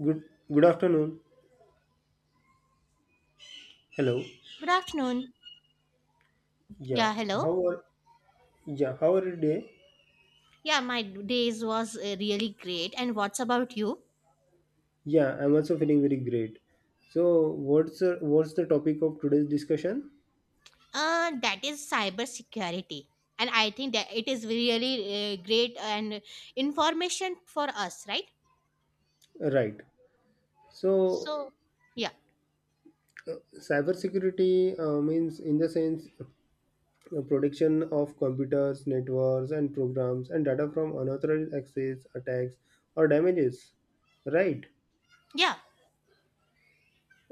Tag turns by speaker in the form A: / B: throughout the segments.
A: Good good afternoon. Hello.
B: Good afternoon.
A: Yeah.
B: Yeah, hello.
A: How are yeah, how are you today?
B: Yeah, my days was really great. And what's about you?
A: Yeah, I'm also feeling very great. So what's the topic of today's discussion?
B: That is cybersecurity. And I think that it is really great and information for us, right?
A: Right. So
B: So, yeah,
A: cybersecurity means in the sense protection of computers, networks and programs and data from unauthorized access, attacks or damages. Right.
B: yeah,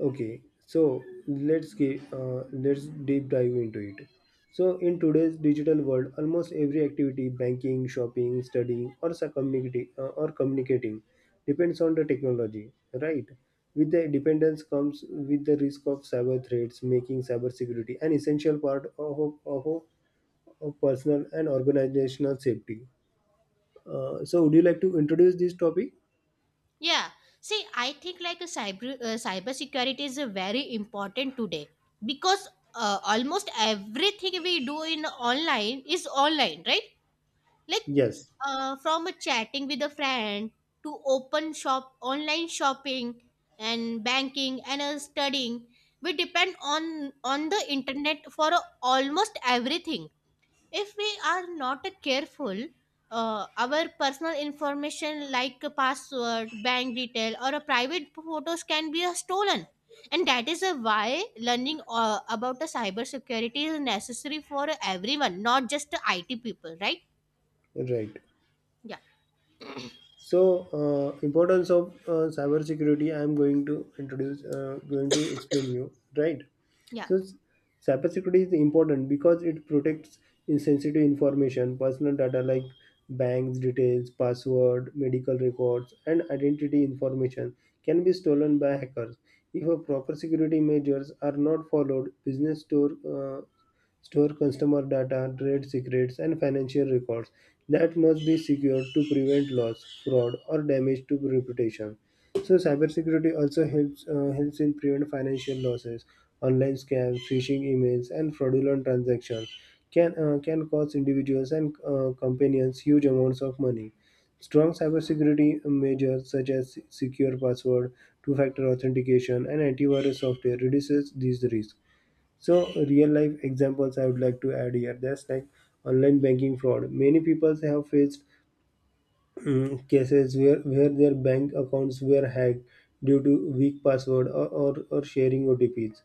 A: Okay, so let's deep dive into it. So in today's digital world, almost every activity, banking, shopping, studying, or communicating, depends on the technology, right? With the dependence comes with the risk of cyber threats, making cybersecurity an essential part of personal and organizational safety. So, would you like to introduce this topic?
B: yeah. See, I think like a cyber cybersecurity is a very important today because almost everything we do in online is online, right? Like
A: Yes,
B: from a chatting with a friend to open shop online shopping and banking and studying we depend on the internet for almost everything if we are not careful, our personal information like a password, bank detail, or a private photos can be stolen, and that is why learning about the cyber security is necessary for everyone, not just the IT people, right?
A: right.
B: Yeah.
A: So, importance of cybersecurity. I am going to explain you, right?
B: Yeah.
A: So, cybersecurity is important because it protects sensitive information, personal data like banks details, password, medical records, and identity information can be stolen by hackers. If a proper security measures are not followed, business store customer data, trade secrets, and financial records that must be secured to prevent loss, fraud, or damage to reputation. So, cybersecurity also helps in prevent financial losses, online scams, phishing emails, and fraudulent transactions can cost individuals and companies huge amounts of money. Strong cybersecurity measures such as secure password, two-factor authentication, and antivirus software reduces these risks. So real life examples I would like to add here. That's like online banking fraud. Many people have faced cases where their bank accounts were hacked due to weak password or sharing OTPs.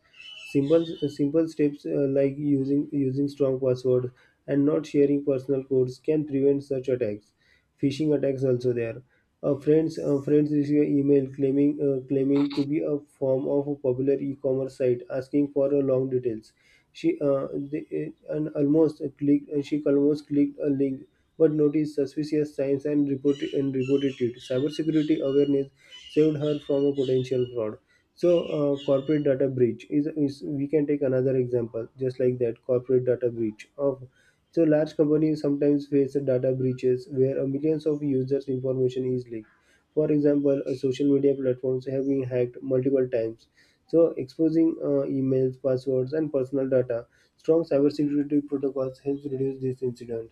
A: Simple steps like using strong password and not sharing personal codes can prevent such attacks. Phishing attacks also there. Friends receive an email claiming to be a form of a popular e-commerce site asking for long details. She they, and almost clicked she almost clicked a link but noticed suspicious signs and reported it. Cybersecurity awareness saved her from a potential fraud. So, corporate data breach is we can take another example just like that corporate data breach of so large companies sometimes face data breaches where a millions of users' information is leaked. For example, social media platforms have been hacked multiple times. So, exposing emails, passwords, and personal data, strong cybersecurity protocols helps reduce this incident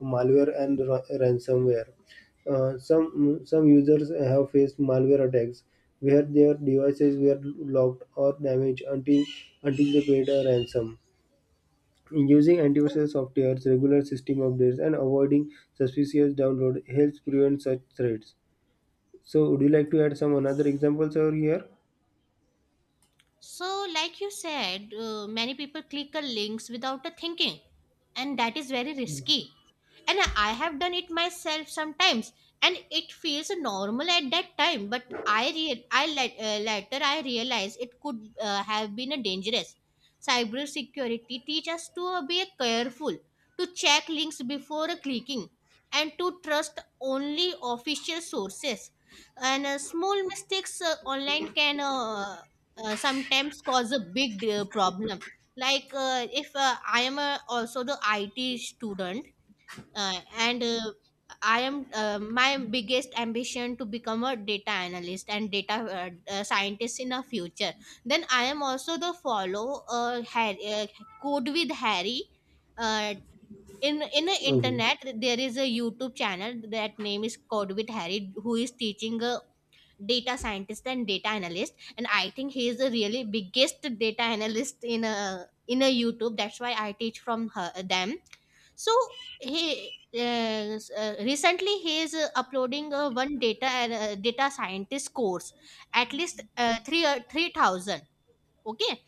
A: malware and ransomware. Some users have faced malware attacks where their devices were locked or damaged until they paid a ransom. Using antivirus software, regular system updates, and avoiding suspicious download helps prevent such threats. So, would you like to add some another examples over here?
B: So, like you said, many people click on links without a thinking, and that is very risky. And I have done it myself sometimes, and it feels normal at that time. But I re- I let, later I realized it could have been a dangerous. Cybersecurity teach us to be careful, to check links before clicking, and to trust only official sources, and small mistakes online can sometimes cause a big problem. Like if I am also the IT student, and I am my biggest ambition to become a data analyst and data scientist in a future. Then I am also the follow Harry, Code with Harry, uh, in the
A: Okay.
B: internet. There is a YouTube channel that name is Code with Harry who is teaching data scientist and data analyst, and I think he is the really biggest data analyst in a YouTube. That's why I teach from her them. So he, recently he is uploading one data data scientist course, at least uh, 3 uh, 3,000, okay?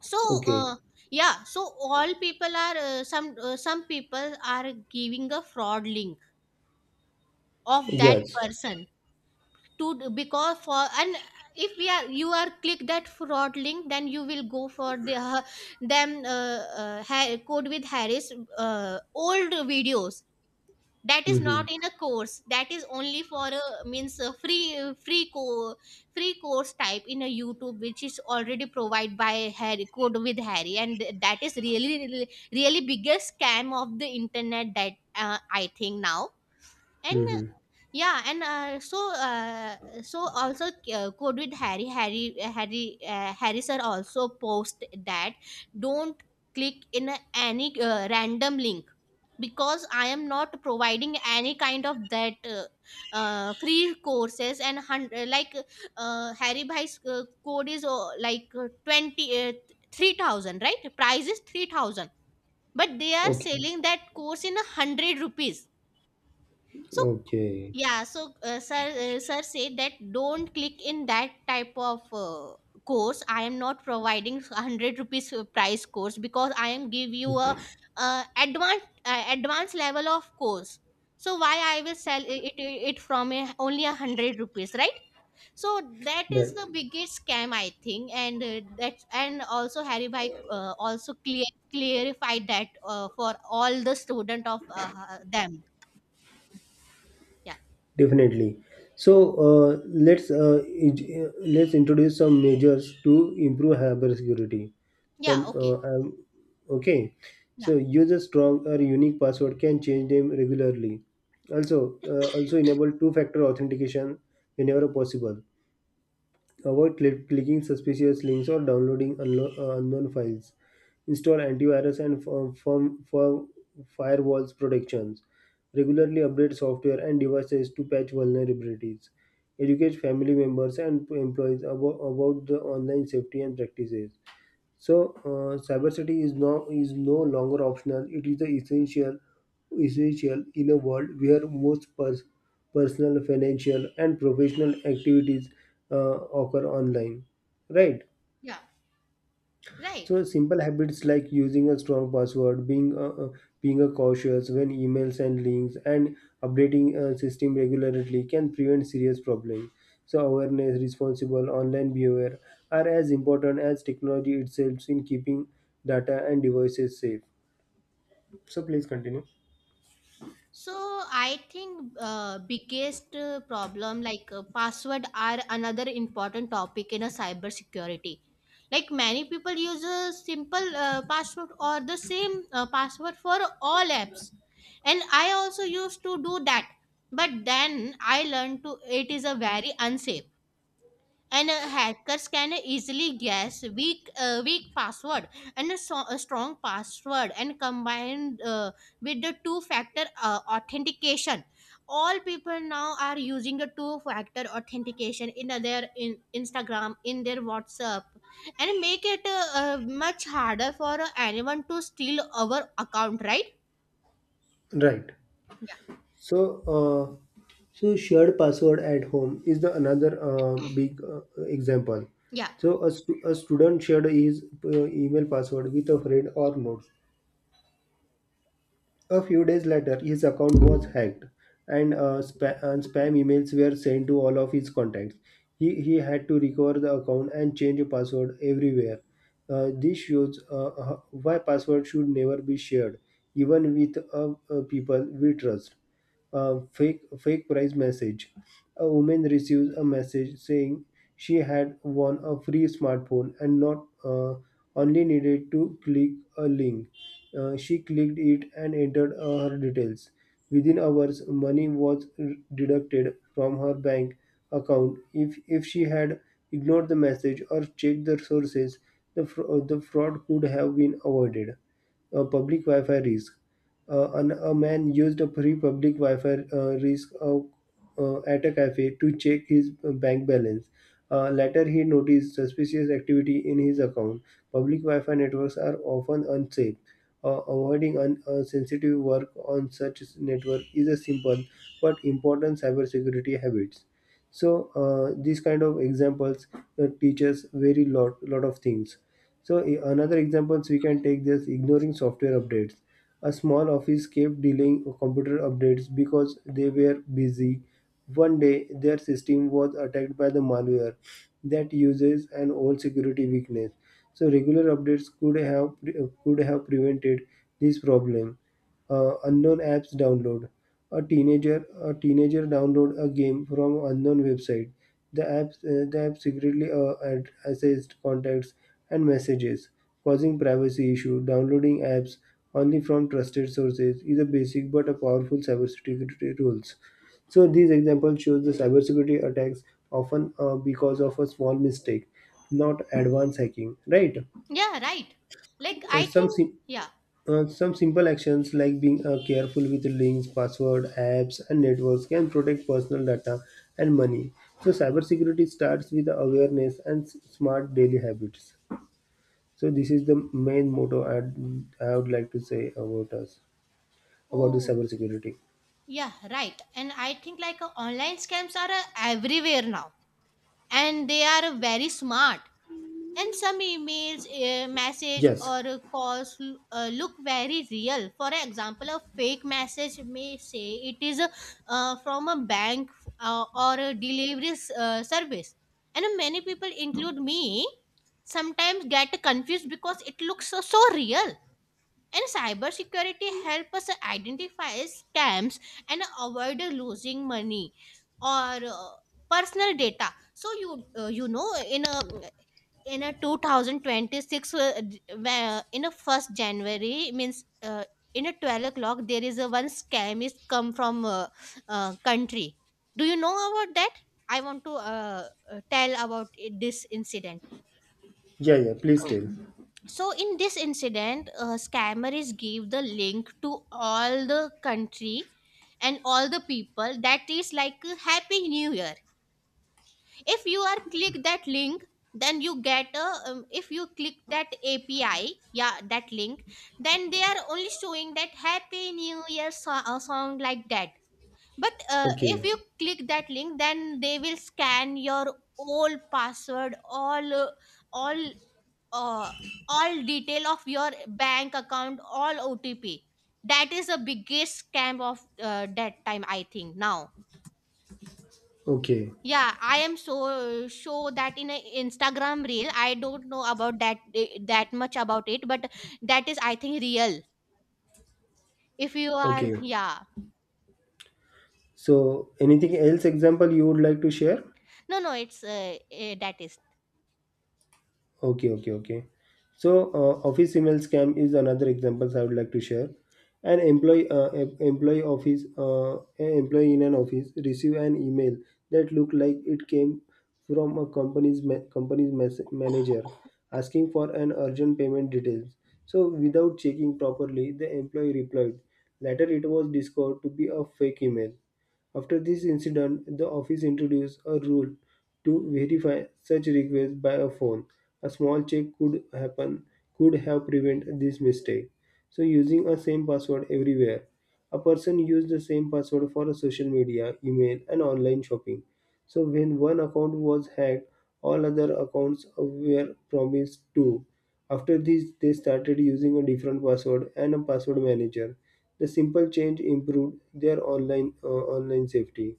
B: So,
A: Okay.
B: uh, yeah, so all people are some people are giving a fraud link of that
A: Yes.
B: person to because for. And if we are you are click that fraud link, then you will go for the, Code with Harris, old videos. That is
A: Mm-hmm.
B: not in a course. That is only for a means a free free course type in a YouTube, which is already provided by Harry, Code with Harry. And that is really really really biggest scam of the internet that I think now. And
A: Mm-hmm.
B: yeah, and so also good with Harry. Harry sir also post that, don't click in any random link because I am not providing any kind of that free courses and like Harry Bhai's code is like 20 3,000, right? Price is 3,000, but they are
A: Okay.
B: selling that course in a 100 rupees. So
A: Okay.
B: yeah, so sir said that, don't click in that type of course. I am not providing 100 rupees price course because I am give you a advanced level of course. So why I will sell it from a, only a 100 rupees, right? So that is
A: Right.
B: the biggest scam I think, and that and also Harry Bhai also clear clarified that for all the student of them. Yeah.
A: Definitely. So let's introduce some measures to improve cybersecurity.
B: Yeah,
A: Some
B: okay.
A: okay.
B: Yeah,
A: So use a strong or unique password can change them regularly. Also, also enable two-factor authentication whenever possible. Avoid clicking suspicious links or downloading unknown files. Install antivirus and firm, firm, firm firewalls protections. Regularly update software and devices to patch vulnerabilities. Educate family members and employees about the online safety and practices. So, cybersecurity is no longer optional. It is the essential in a world where most personal, financial, and professional activities occur online. Right?
B: yeah, right.
A: So simple habits like using a strong password, being a cautious when emails and links, and updating a system regularly can prevent serious problems. So awareness, responsible online behavior are as important as technology itself in keeping data and devices safe. So please continue.
B: So I think biggest problem like password are another important topic in a cybersecurity. Like many people use a simple password or the same password for all apps, and I also used to do that. But then I learned to it is a very unsafe, and hackers can easily guess weak password, and a strong password and combined with the two factor authentication. All people now are using the two factor authentication in their in Instagram, in their WhatsApp, and make it much harder for anyone to steal our account, right?
A: Right.
B: Yeah.
A: So, uh, so shared password at home is the another big example.
B: Yeah.
A: So, a student shared his email password with a friend or notes. A few days later, his account was hacked, and, spam emails were sent to all of his contacts. He had to recover the account and change the password everywhere. This shows why password should never be shared, even with people we trust fake prize message. A woman receives a message saying she had won a free smartphone and not only needed to click a link. She clicked it and entered her details. Within hours, money was deducted from her bank account. If she had ignored the message or checked the sources, the fraud could have been avoided. A public Wi-Fi risk. A man used a free public Wi-Fi at a cafe to check his bank balance. Later, he noticed suspicious activity in his account. Public Wi-Fi networks are often unsafe. Avoiding sensitive work on such network is a simple but important cybersecurity habits. So, these kind of examples teach us very lot of things. So, another examples we can take this ignoring software updates a small office kept delaying computer updates because they were busy. One day, their system was attacked by the malware that uses an old security weakness. So regular updates could have prevented this problem unknown apps download a teenager download a game from unknown website the app secretly accessed contacts and messages causing privacy issue downloading apps only from trusted sources is a basic but a powerful cybersecurity rules so these examples shows the cybersecurity attacks often because of a small mistake not advanced hacking right.
B: Yeah, right. Like
A: Uh,
B: I
A: some
B: think,
A: sim-
B: yeah.
A: some simple actions like being careful with links, password, apps, and networks can protect personal data and money. So, cybersecurity starts with awareness and smart daily habits. So, this is the main motto I would like to say about us about the
B: Oh.
A: cybersecurity.
B: Yeah, right. And I think like online scams are everywhere now, and they are very smart. And some emails, message,
A: Yes,
B: or calls look very real. For example, a fake message may say it is from a bank or a delivery service, and many people, include me, sometimes get confused because it looks so, so real. And cybersecurity help us identify scams and avoid losing money or personal data. So you know in a 2026 where in a first January means in a 12 o'clock there is a one scam is come from country. Do you know about that? I want to tell about this incident.
A: yeah, yeah. Please tell.
B: So in this incident, a scammer is gave the link to all the country and all the people that is like a happy new year. If you are click that link, then you get a, if you click that API, yeah, that link, then they are only showing that happy new year song like that. But if
A: Okay,
B: you click that link, then they will scan your all password, all uh, all detail of your bank account, all OTP. That is the biggest scam of that time I think now.
A: okay,
B: Yeah, I am so sure that in a Instagram reel I don't know about that, eh, that much about it, but that is I think real if you are,
A: okay.
B: yeah.
A: So, anything else? Example you would like to share?
B: No, no, it's that is.
A: Okay, okay, okay. So, office email scam is another example I would like to share. An employee in an office receive an email that looked like it came from a company's ma- company's mes- manager asking for an urgent payment details. So, without checking properly, the employee replied. Later, it was discovered to be a fake email. After this incident, the office introduced a rule to verify such requests by a phone. A small check could have prevented this mistake. So using a same password everywhere. A person used the same password for a social media, email and online shopping. So when one account was hacked, all other accounts were promised too. After this, they started using a different password and a password manager. The simple change improved their online safety.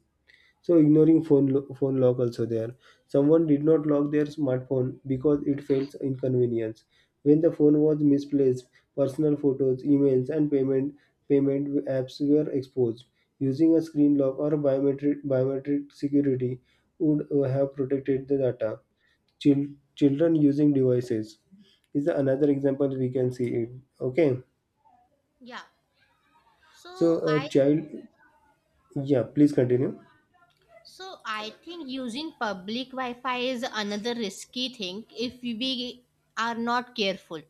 A: So ignoring phone lock also there. Someone did not lock their smartphone because it felt inconvenience. When the phone was misplaced, personal photos, emails, and payment apps were exposed. Using a screen lock or biometric security would have protected the data. Children using devices is another example we can see it. Okay,
B: Yeah, so
A: so a
B: i
A: child. Yeah, please continue.
B: I think using public Wi-Fi is another risky thing if we are not careful.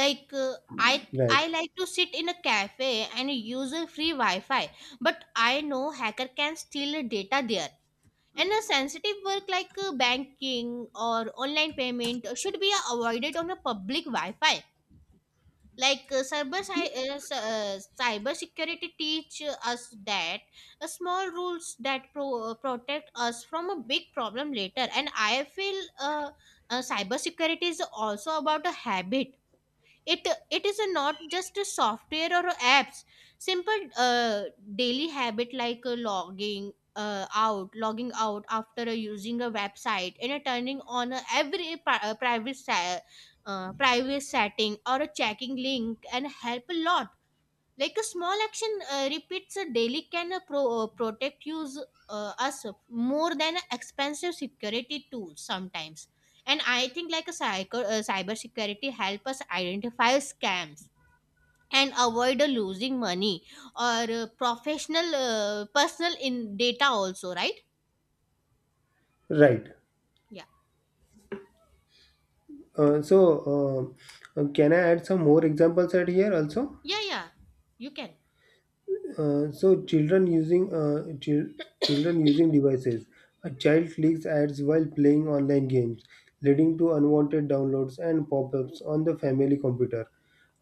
B: Like I
A: Right,
B: like to sit in a cafe and use a free Wi-Fi, but I know hacker can steal data there. And a sensitive work like banking or online payment should be avoided on a public Wi-Fi. Like cyber security teach us that small rules that protect us from a big problem later. And I feel cyber security is also about a habit. It is a not just a software or apps. Simple daily habit like logging out after using a website, and turning on every private setting or a checking link and help a lot. Like a small action repeats a daily can protect use us more than expensive security tools sometimes. And I think like a cyber security help us identify scams and avoid losing money or professional personal in data also, right?
A: right.
B: Yeah.
A: So, can I add some more examples at here also?
B: Yeah. Yeah, you can.
A: So, children using devices. A child clicks ads while playing online games, leading to unwanted downloads and pop-ups on the family computer.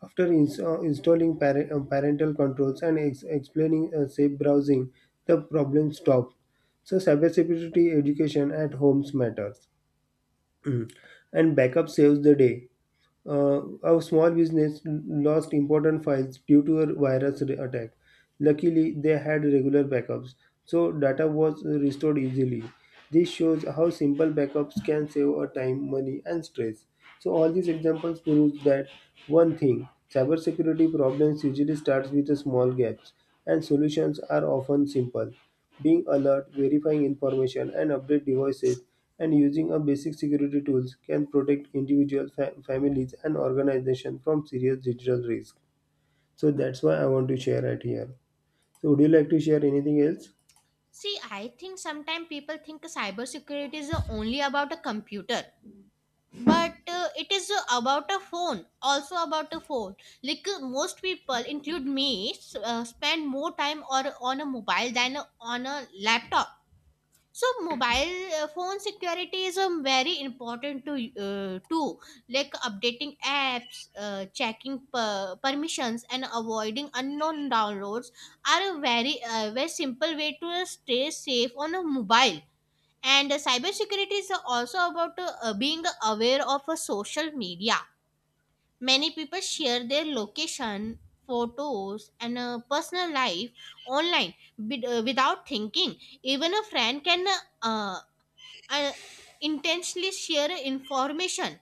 A: After installing parental controls and explaining safe browsing, the problem stopped. So, cybersecurity education at homes matters. Mm. And backup saves the day. A small business lost important files due to a virus attack. Luckily, they had regular backups, so data was restored easily. This shows how simple backups can save our time, money, and stress. So all these examples prove that one thing, cybersecurity problems usually starts with the small gaps, and solutions are often simple. Being alert, verifying information, and update devices, and using a basic security tools can protect individuals, families, and organizations from serious digital risk. So that's why I want to share it here. So would you like to share anything else?
B: See, I think sometimes people think cyber security is only about a computer, but it is about a phone. Like most people include me spend more time or on a mobile than on a laptop. So mobile phone security is, very important to too. Like updating apps, checking permissions, and avoiding unknown downloads are a very very simple way to stay safe on a mobile. And cybersecurity is also about being aware of social media. Many people share their location, photos, and personal life online without thinking. Even a friend can uh, uh, uh, intentionally share information,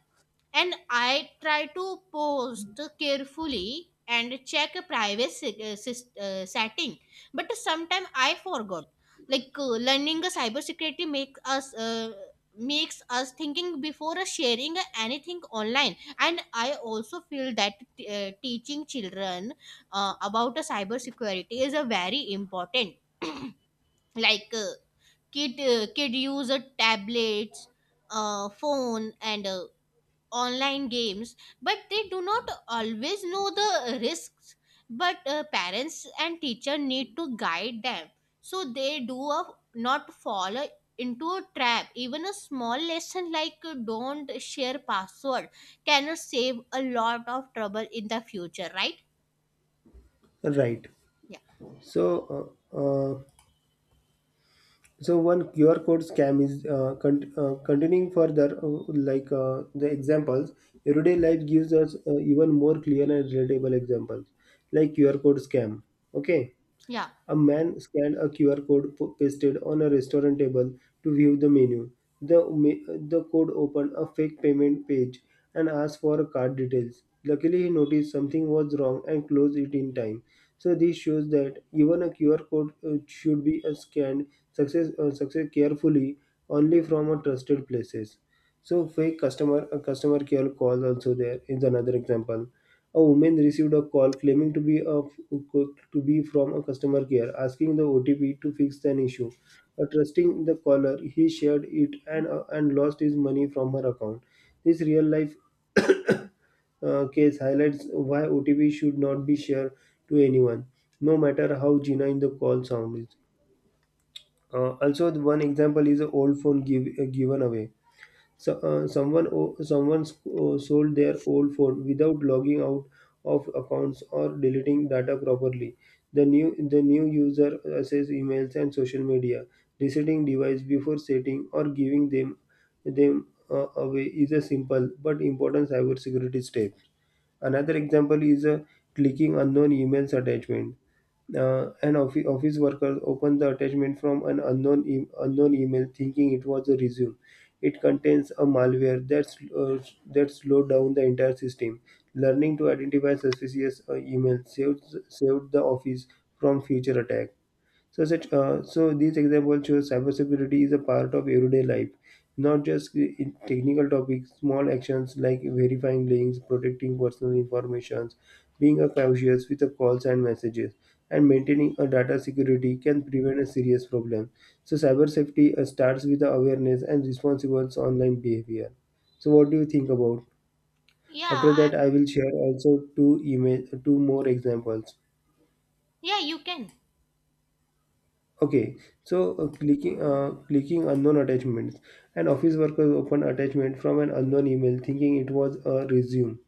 B: and I try to post carefully and check a setting. But sometimes I forgot. Like learning a cybersecurity makes us thinking before sharing anything online. And I also feel that teaching children about a cybersecurity is a very important. Like kid use a tablets, phone, and online games, but they do not always know the risks. But parents and teacher need to guide them so they do a, not fall into a trap. Even a small lesson like don't share password can save a lot of trouble in the future, right?
A: Right.
B: Yeah.
A: So, uh, uh, so one QR code scam is continuing further, like the examples. Everyday life gives us even more clear and relatable examples, like QR code scam. Okay.
B: Yeah.
A: A man scanned a QR code pasted on a restaurant table to view the menu. The code opened a fake payment page and asked for card details. Luckily, he noticed something was wrong and closed it in time. So, this shows that even a QR code should be success carefully only from a trusted places. So fake customer care call also there is another example. A woman received a call claiming to be from a customer care asking the OTP to fix an issue. Trusting the caller, he shared it and lost his money from her account. This real life case highlights why OTP should not be shared to anyone, no matter how Gina in the call sounds. Also, the one example is an old phone given away. Someone sold their old phone without logging out of accounts or deleting data properly. The new user accesses emails and social media, resetting device before setting or giving them away is a simple but important cybersecurity step. Another example is clicking unknown emails attachment. An office worker opened the attachment from an unknown email, thinking it was a resume. It contains a malware that slowed down the entire system. Learning to identify suspicious emails saved the office from future attack. So these examples show cybersecurity is a part of everyday life, not just in technical topics. Small actions like verifying links, protecting personal information, being a cautious with the calls and messages, and maintaining a data security can prevent a serious problem. So cyber safety starts with the awareness and responsible online behavior. So what do you think about? After
B: Yeah,
A: that, I will share also two email two more examples.
B: yeah, you can.
A: Okay, so clicking unknown attachments. An office worker opened attachment from an unknown email, thinking it was a resume.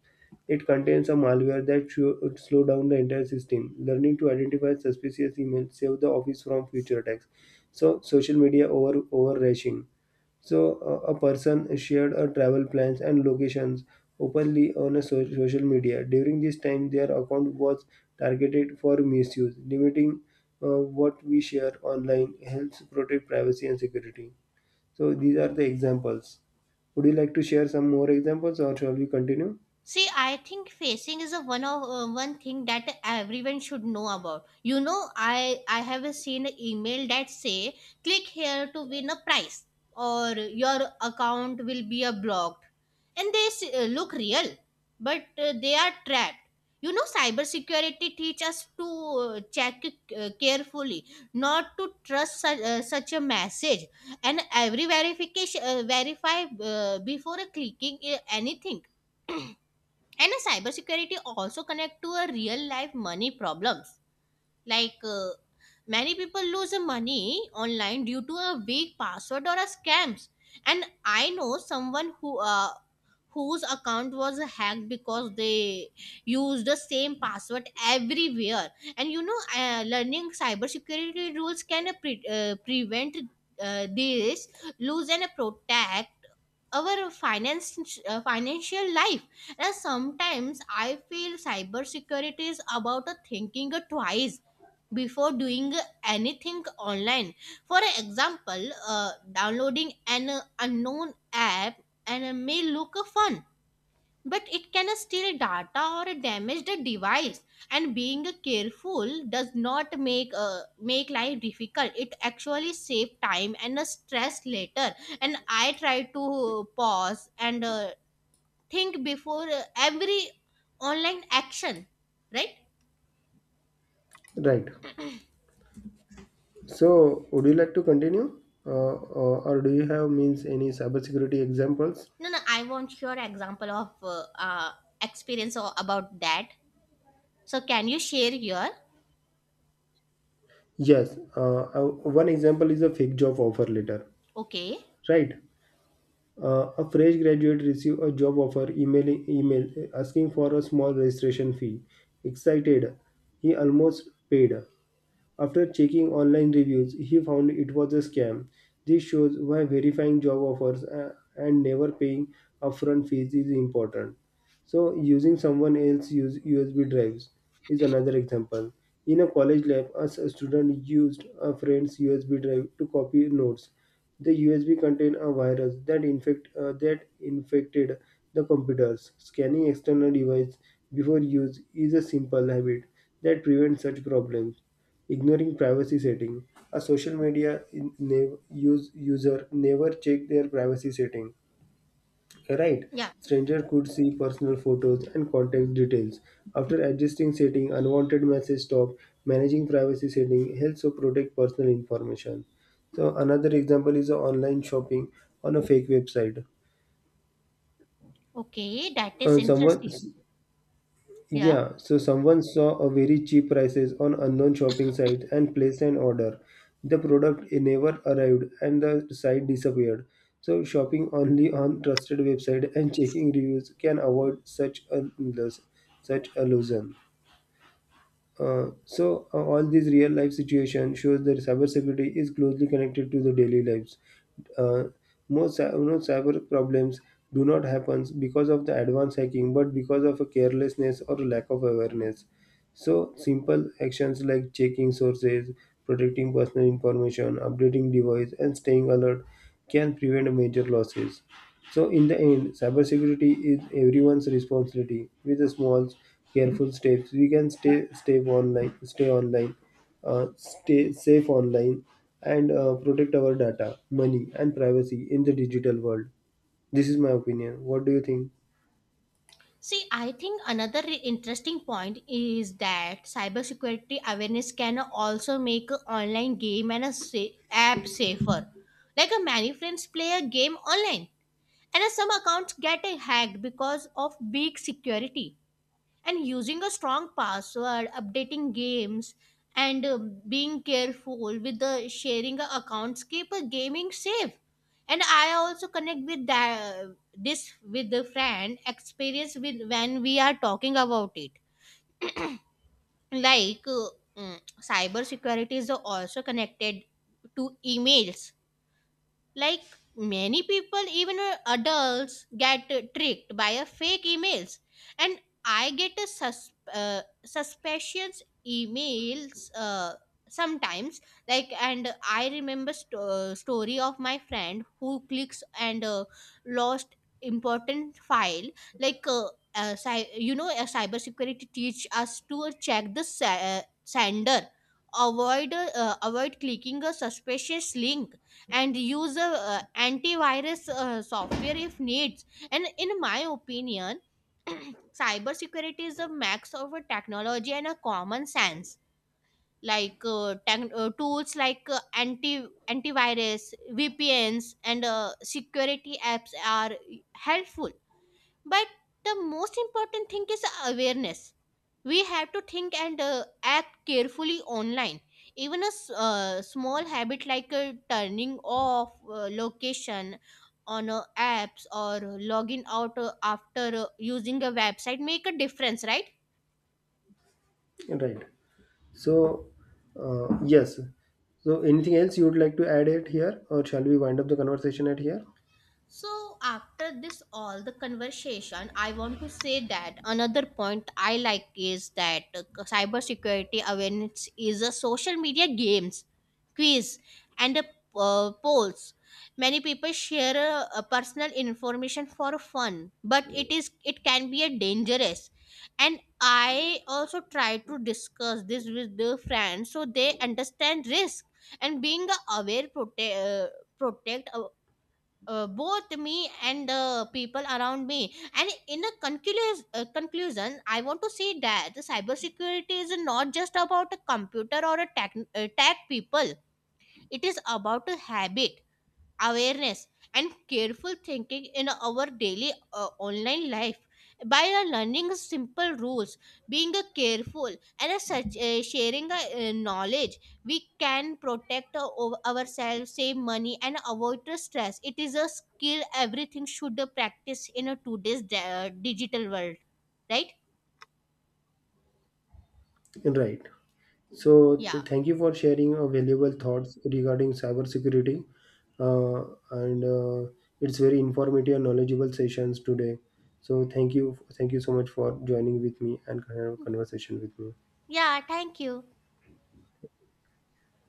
A: It contains a malware that should slow down the entire system. Learning to identify suspicious emails saved the office from future attacks. So social media over rashing. So a person shared her travel plans and locations openly on a social media. During this time, their account was targeted for misuse, limiting what we share online helps protect privacy and security. So these are the examples. Would you like to share some more examples, or shall we continue?
B: See, I think facing is a one of one thing that everyone should know about. You know, I have seen an email that say, click here to win a prize, or your account will be blocked, and they look real, but they are trapped. You know, cybersecurity teach us to check carefully, not to trust such, such a message, and every verification verify before clicking anything. And a cybersecurity also connect to a real life money problems, like uh, many people lose their money online due to a weak password or a scams. And I know someone whose account was hacked because they used the same password everywhere. And you know learning cybersecurity rules can prevent this lose and protect our finance financial life. And sometimes I feel cybersecurity is about a thinking twice before doing anything online. For example, downloading an unknown app and may look fun, but it can steal data or damage the device. And being careful does not make life difficult, it actually save time and stress later. And I try to pause and think before every online action, right?
A: Right. So would you like to continue, or do you have means any cybersecurity examples?
B: No, no, I want your example of experience or about that, so can you share your
A: Yes. One example is a fake job offer letter.
B: okay?
A: Right. A fresh graduate received a job offer emailing email asking for a small registration fee. Excited, he almost paid. After checking online reviews, he found it was a scam. This shows why verifying job offers and never paying upfront fees is important. So, using someone else's use USB drives is another example. In a college lab, a student used a friend's USB drive to copy notes. The USB contained a virus that infected the computers. Scanning external device before use is a simple habit that prevents such problems. Ignoring privacy setting. A social media user never check their privacy setting. Right?
B: Yeah.
A: Stranger could see personal photos and contact details. After adjusting setting, unwanted message stop. Managing privacy setting helps to protect personal information. So another example is online shopping on a fake website.
B: Okay, that is
A: Someone
B: interesting. Yeah.
A: Yeah, so someone saw a very cheap prices on unknown shopping site and placed an order. The product never arrived and the site disappeared. So shopping only on trusted website and checking reviews can avoid such illusion. All these real life situations shows that cybersecurity is closely connected to the daily lives. Uh, Most cyber problems do not happen because of the advanced hacking, but because of a carelessness or lack of awareness. So simple actions like checking sources, protecting personal information, updating device, and staying alert can prevent major losses. So, in the end, cybersecurity is everyone's responsibility. With the small, careful steps, we can stay online, stay safe online, and protect our data, money, and privacy in the digital world. This is my opinion. What do you think?
B: See, I think another interesting point is that cybersecurity awareness can also make an online game and a app safer. Many friends play a game online, and some accounts get hacked because of weak security, and using a strong password updating games and being careful with the sharing accounts keep a gaming safe. And I also connect with that this with the friend experience with when we are talking about it, like uh, mm, cyber security is also connected to emails. Like many people even adults get tricked by a fake emails, and I get a suspicious emails sometimes. Like, and I remember story of my friend who clicks and lost important file. like uh, you know, a cybersecurity teach us to check the sender, avoid avoid clicking a suspicious link, and use a antivirus software if needs. And in my opinion, cybersecurity is a max of a technology and a common sense. Like tools like antivirus VPNs and security apps are helpful, but the most important thing is awareness. We have to think and act carefully online. Even a small habit like turning off location on apps, or logging out after using a website, make a difference, right?
A: Right. So, yes. So, anything else you would like to add it here, or shall we wind up the conversation at here?
B: So, after this all the conversation, I want to say that another point I like is that cybersecurity awareness is a social media games, quiz, and polls. Many people share personal information for fun, but it can be a dangerous. And I also try to discuss this with the friends so they understand risk, and being aware, protect both me and the people around me. And in a conclusion, I want to say that the cybersecurity is not just about a computer or a tech people. It is about a habit, awareness, and careful thinking in our daily online life. By learning simple rules, being careful, and sharing knowledge, we can protect ourselves, save money, and avoid the stress. It is a skill everything should practice in a today's digital world, right?
A: Right. So,
B: Yeah,
A: thank you for sharing valuable thoughts regarding cybersecurity. Uh, and It's very informative and knowledgeable sessions today. So, thank you so much for joining with me and having a conversation with me.
B: yeah, thank you.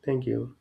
A: Thank you.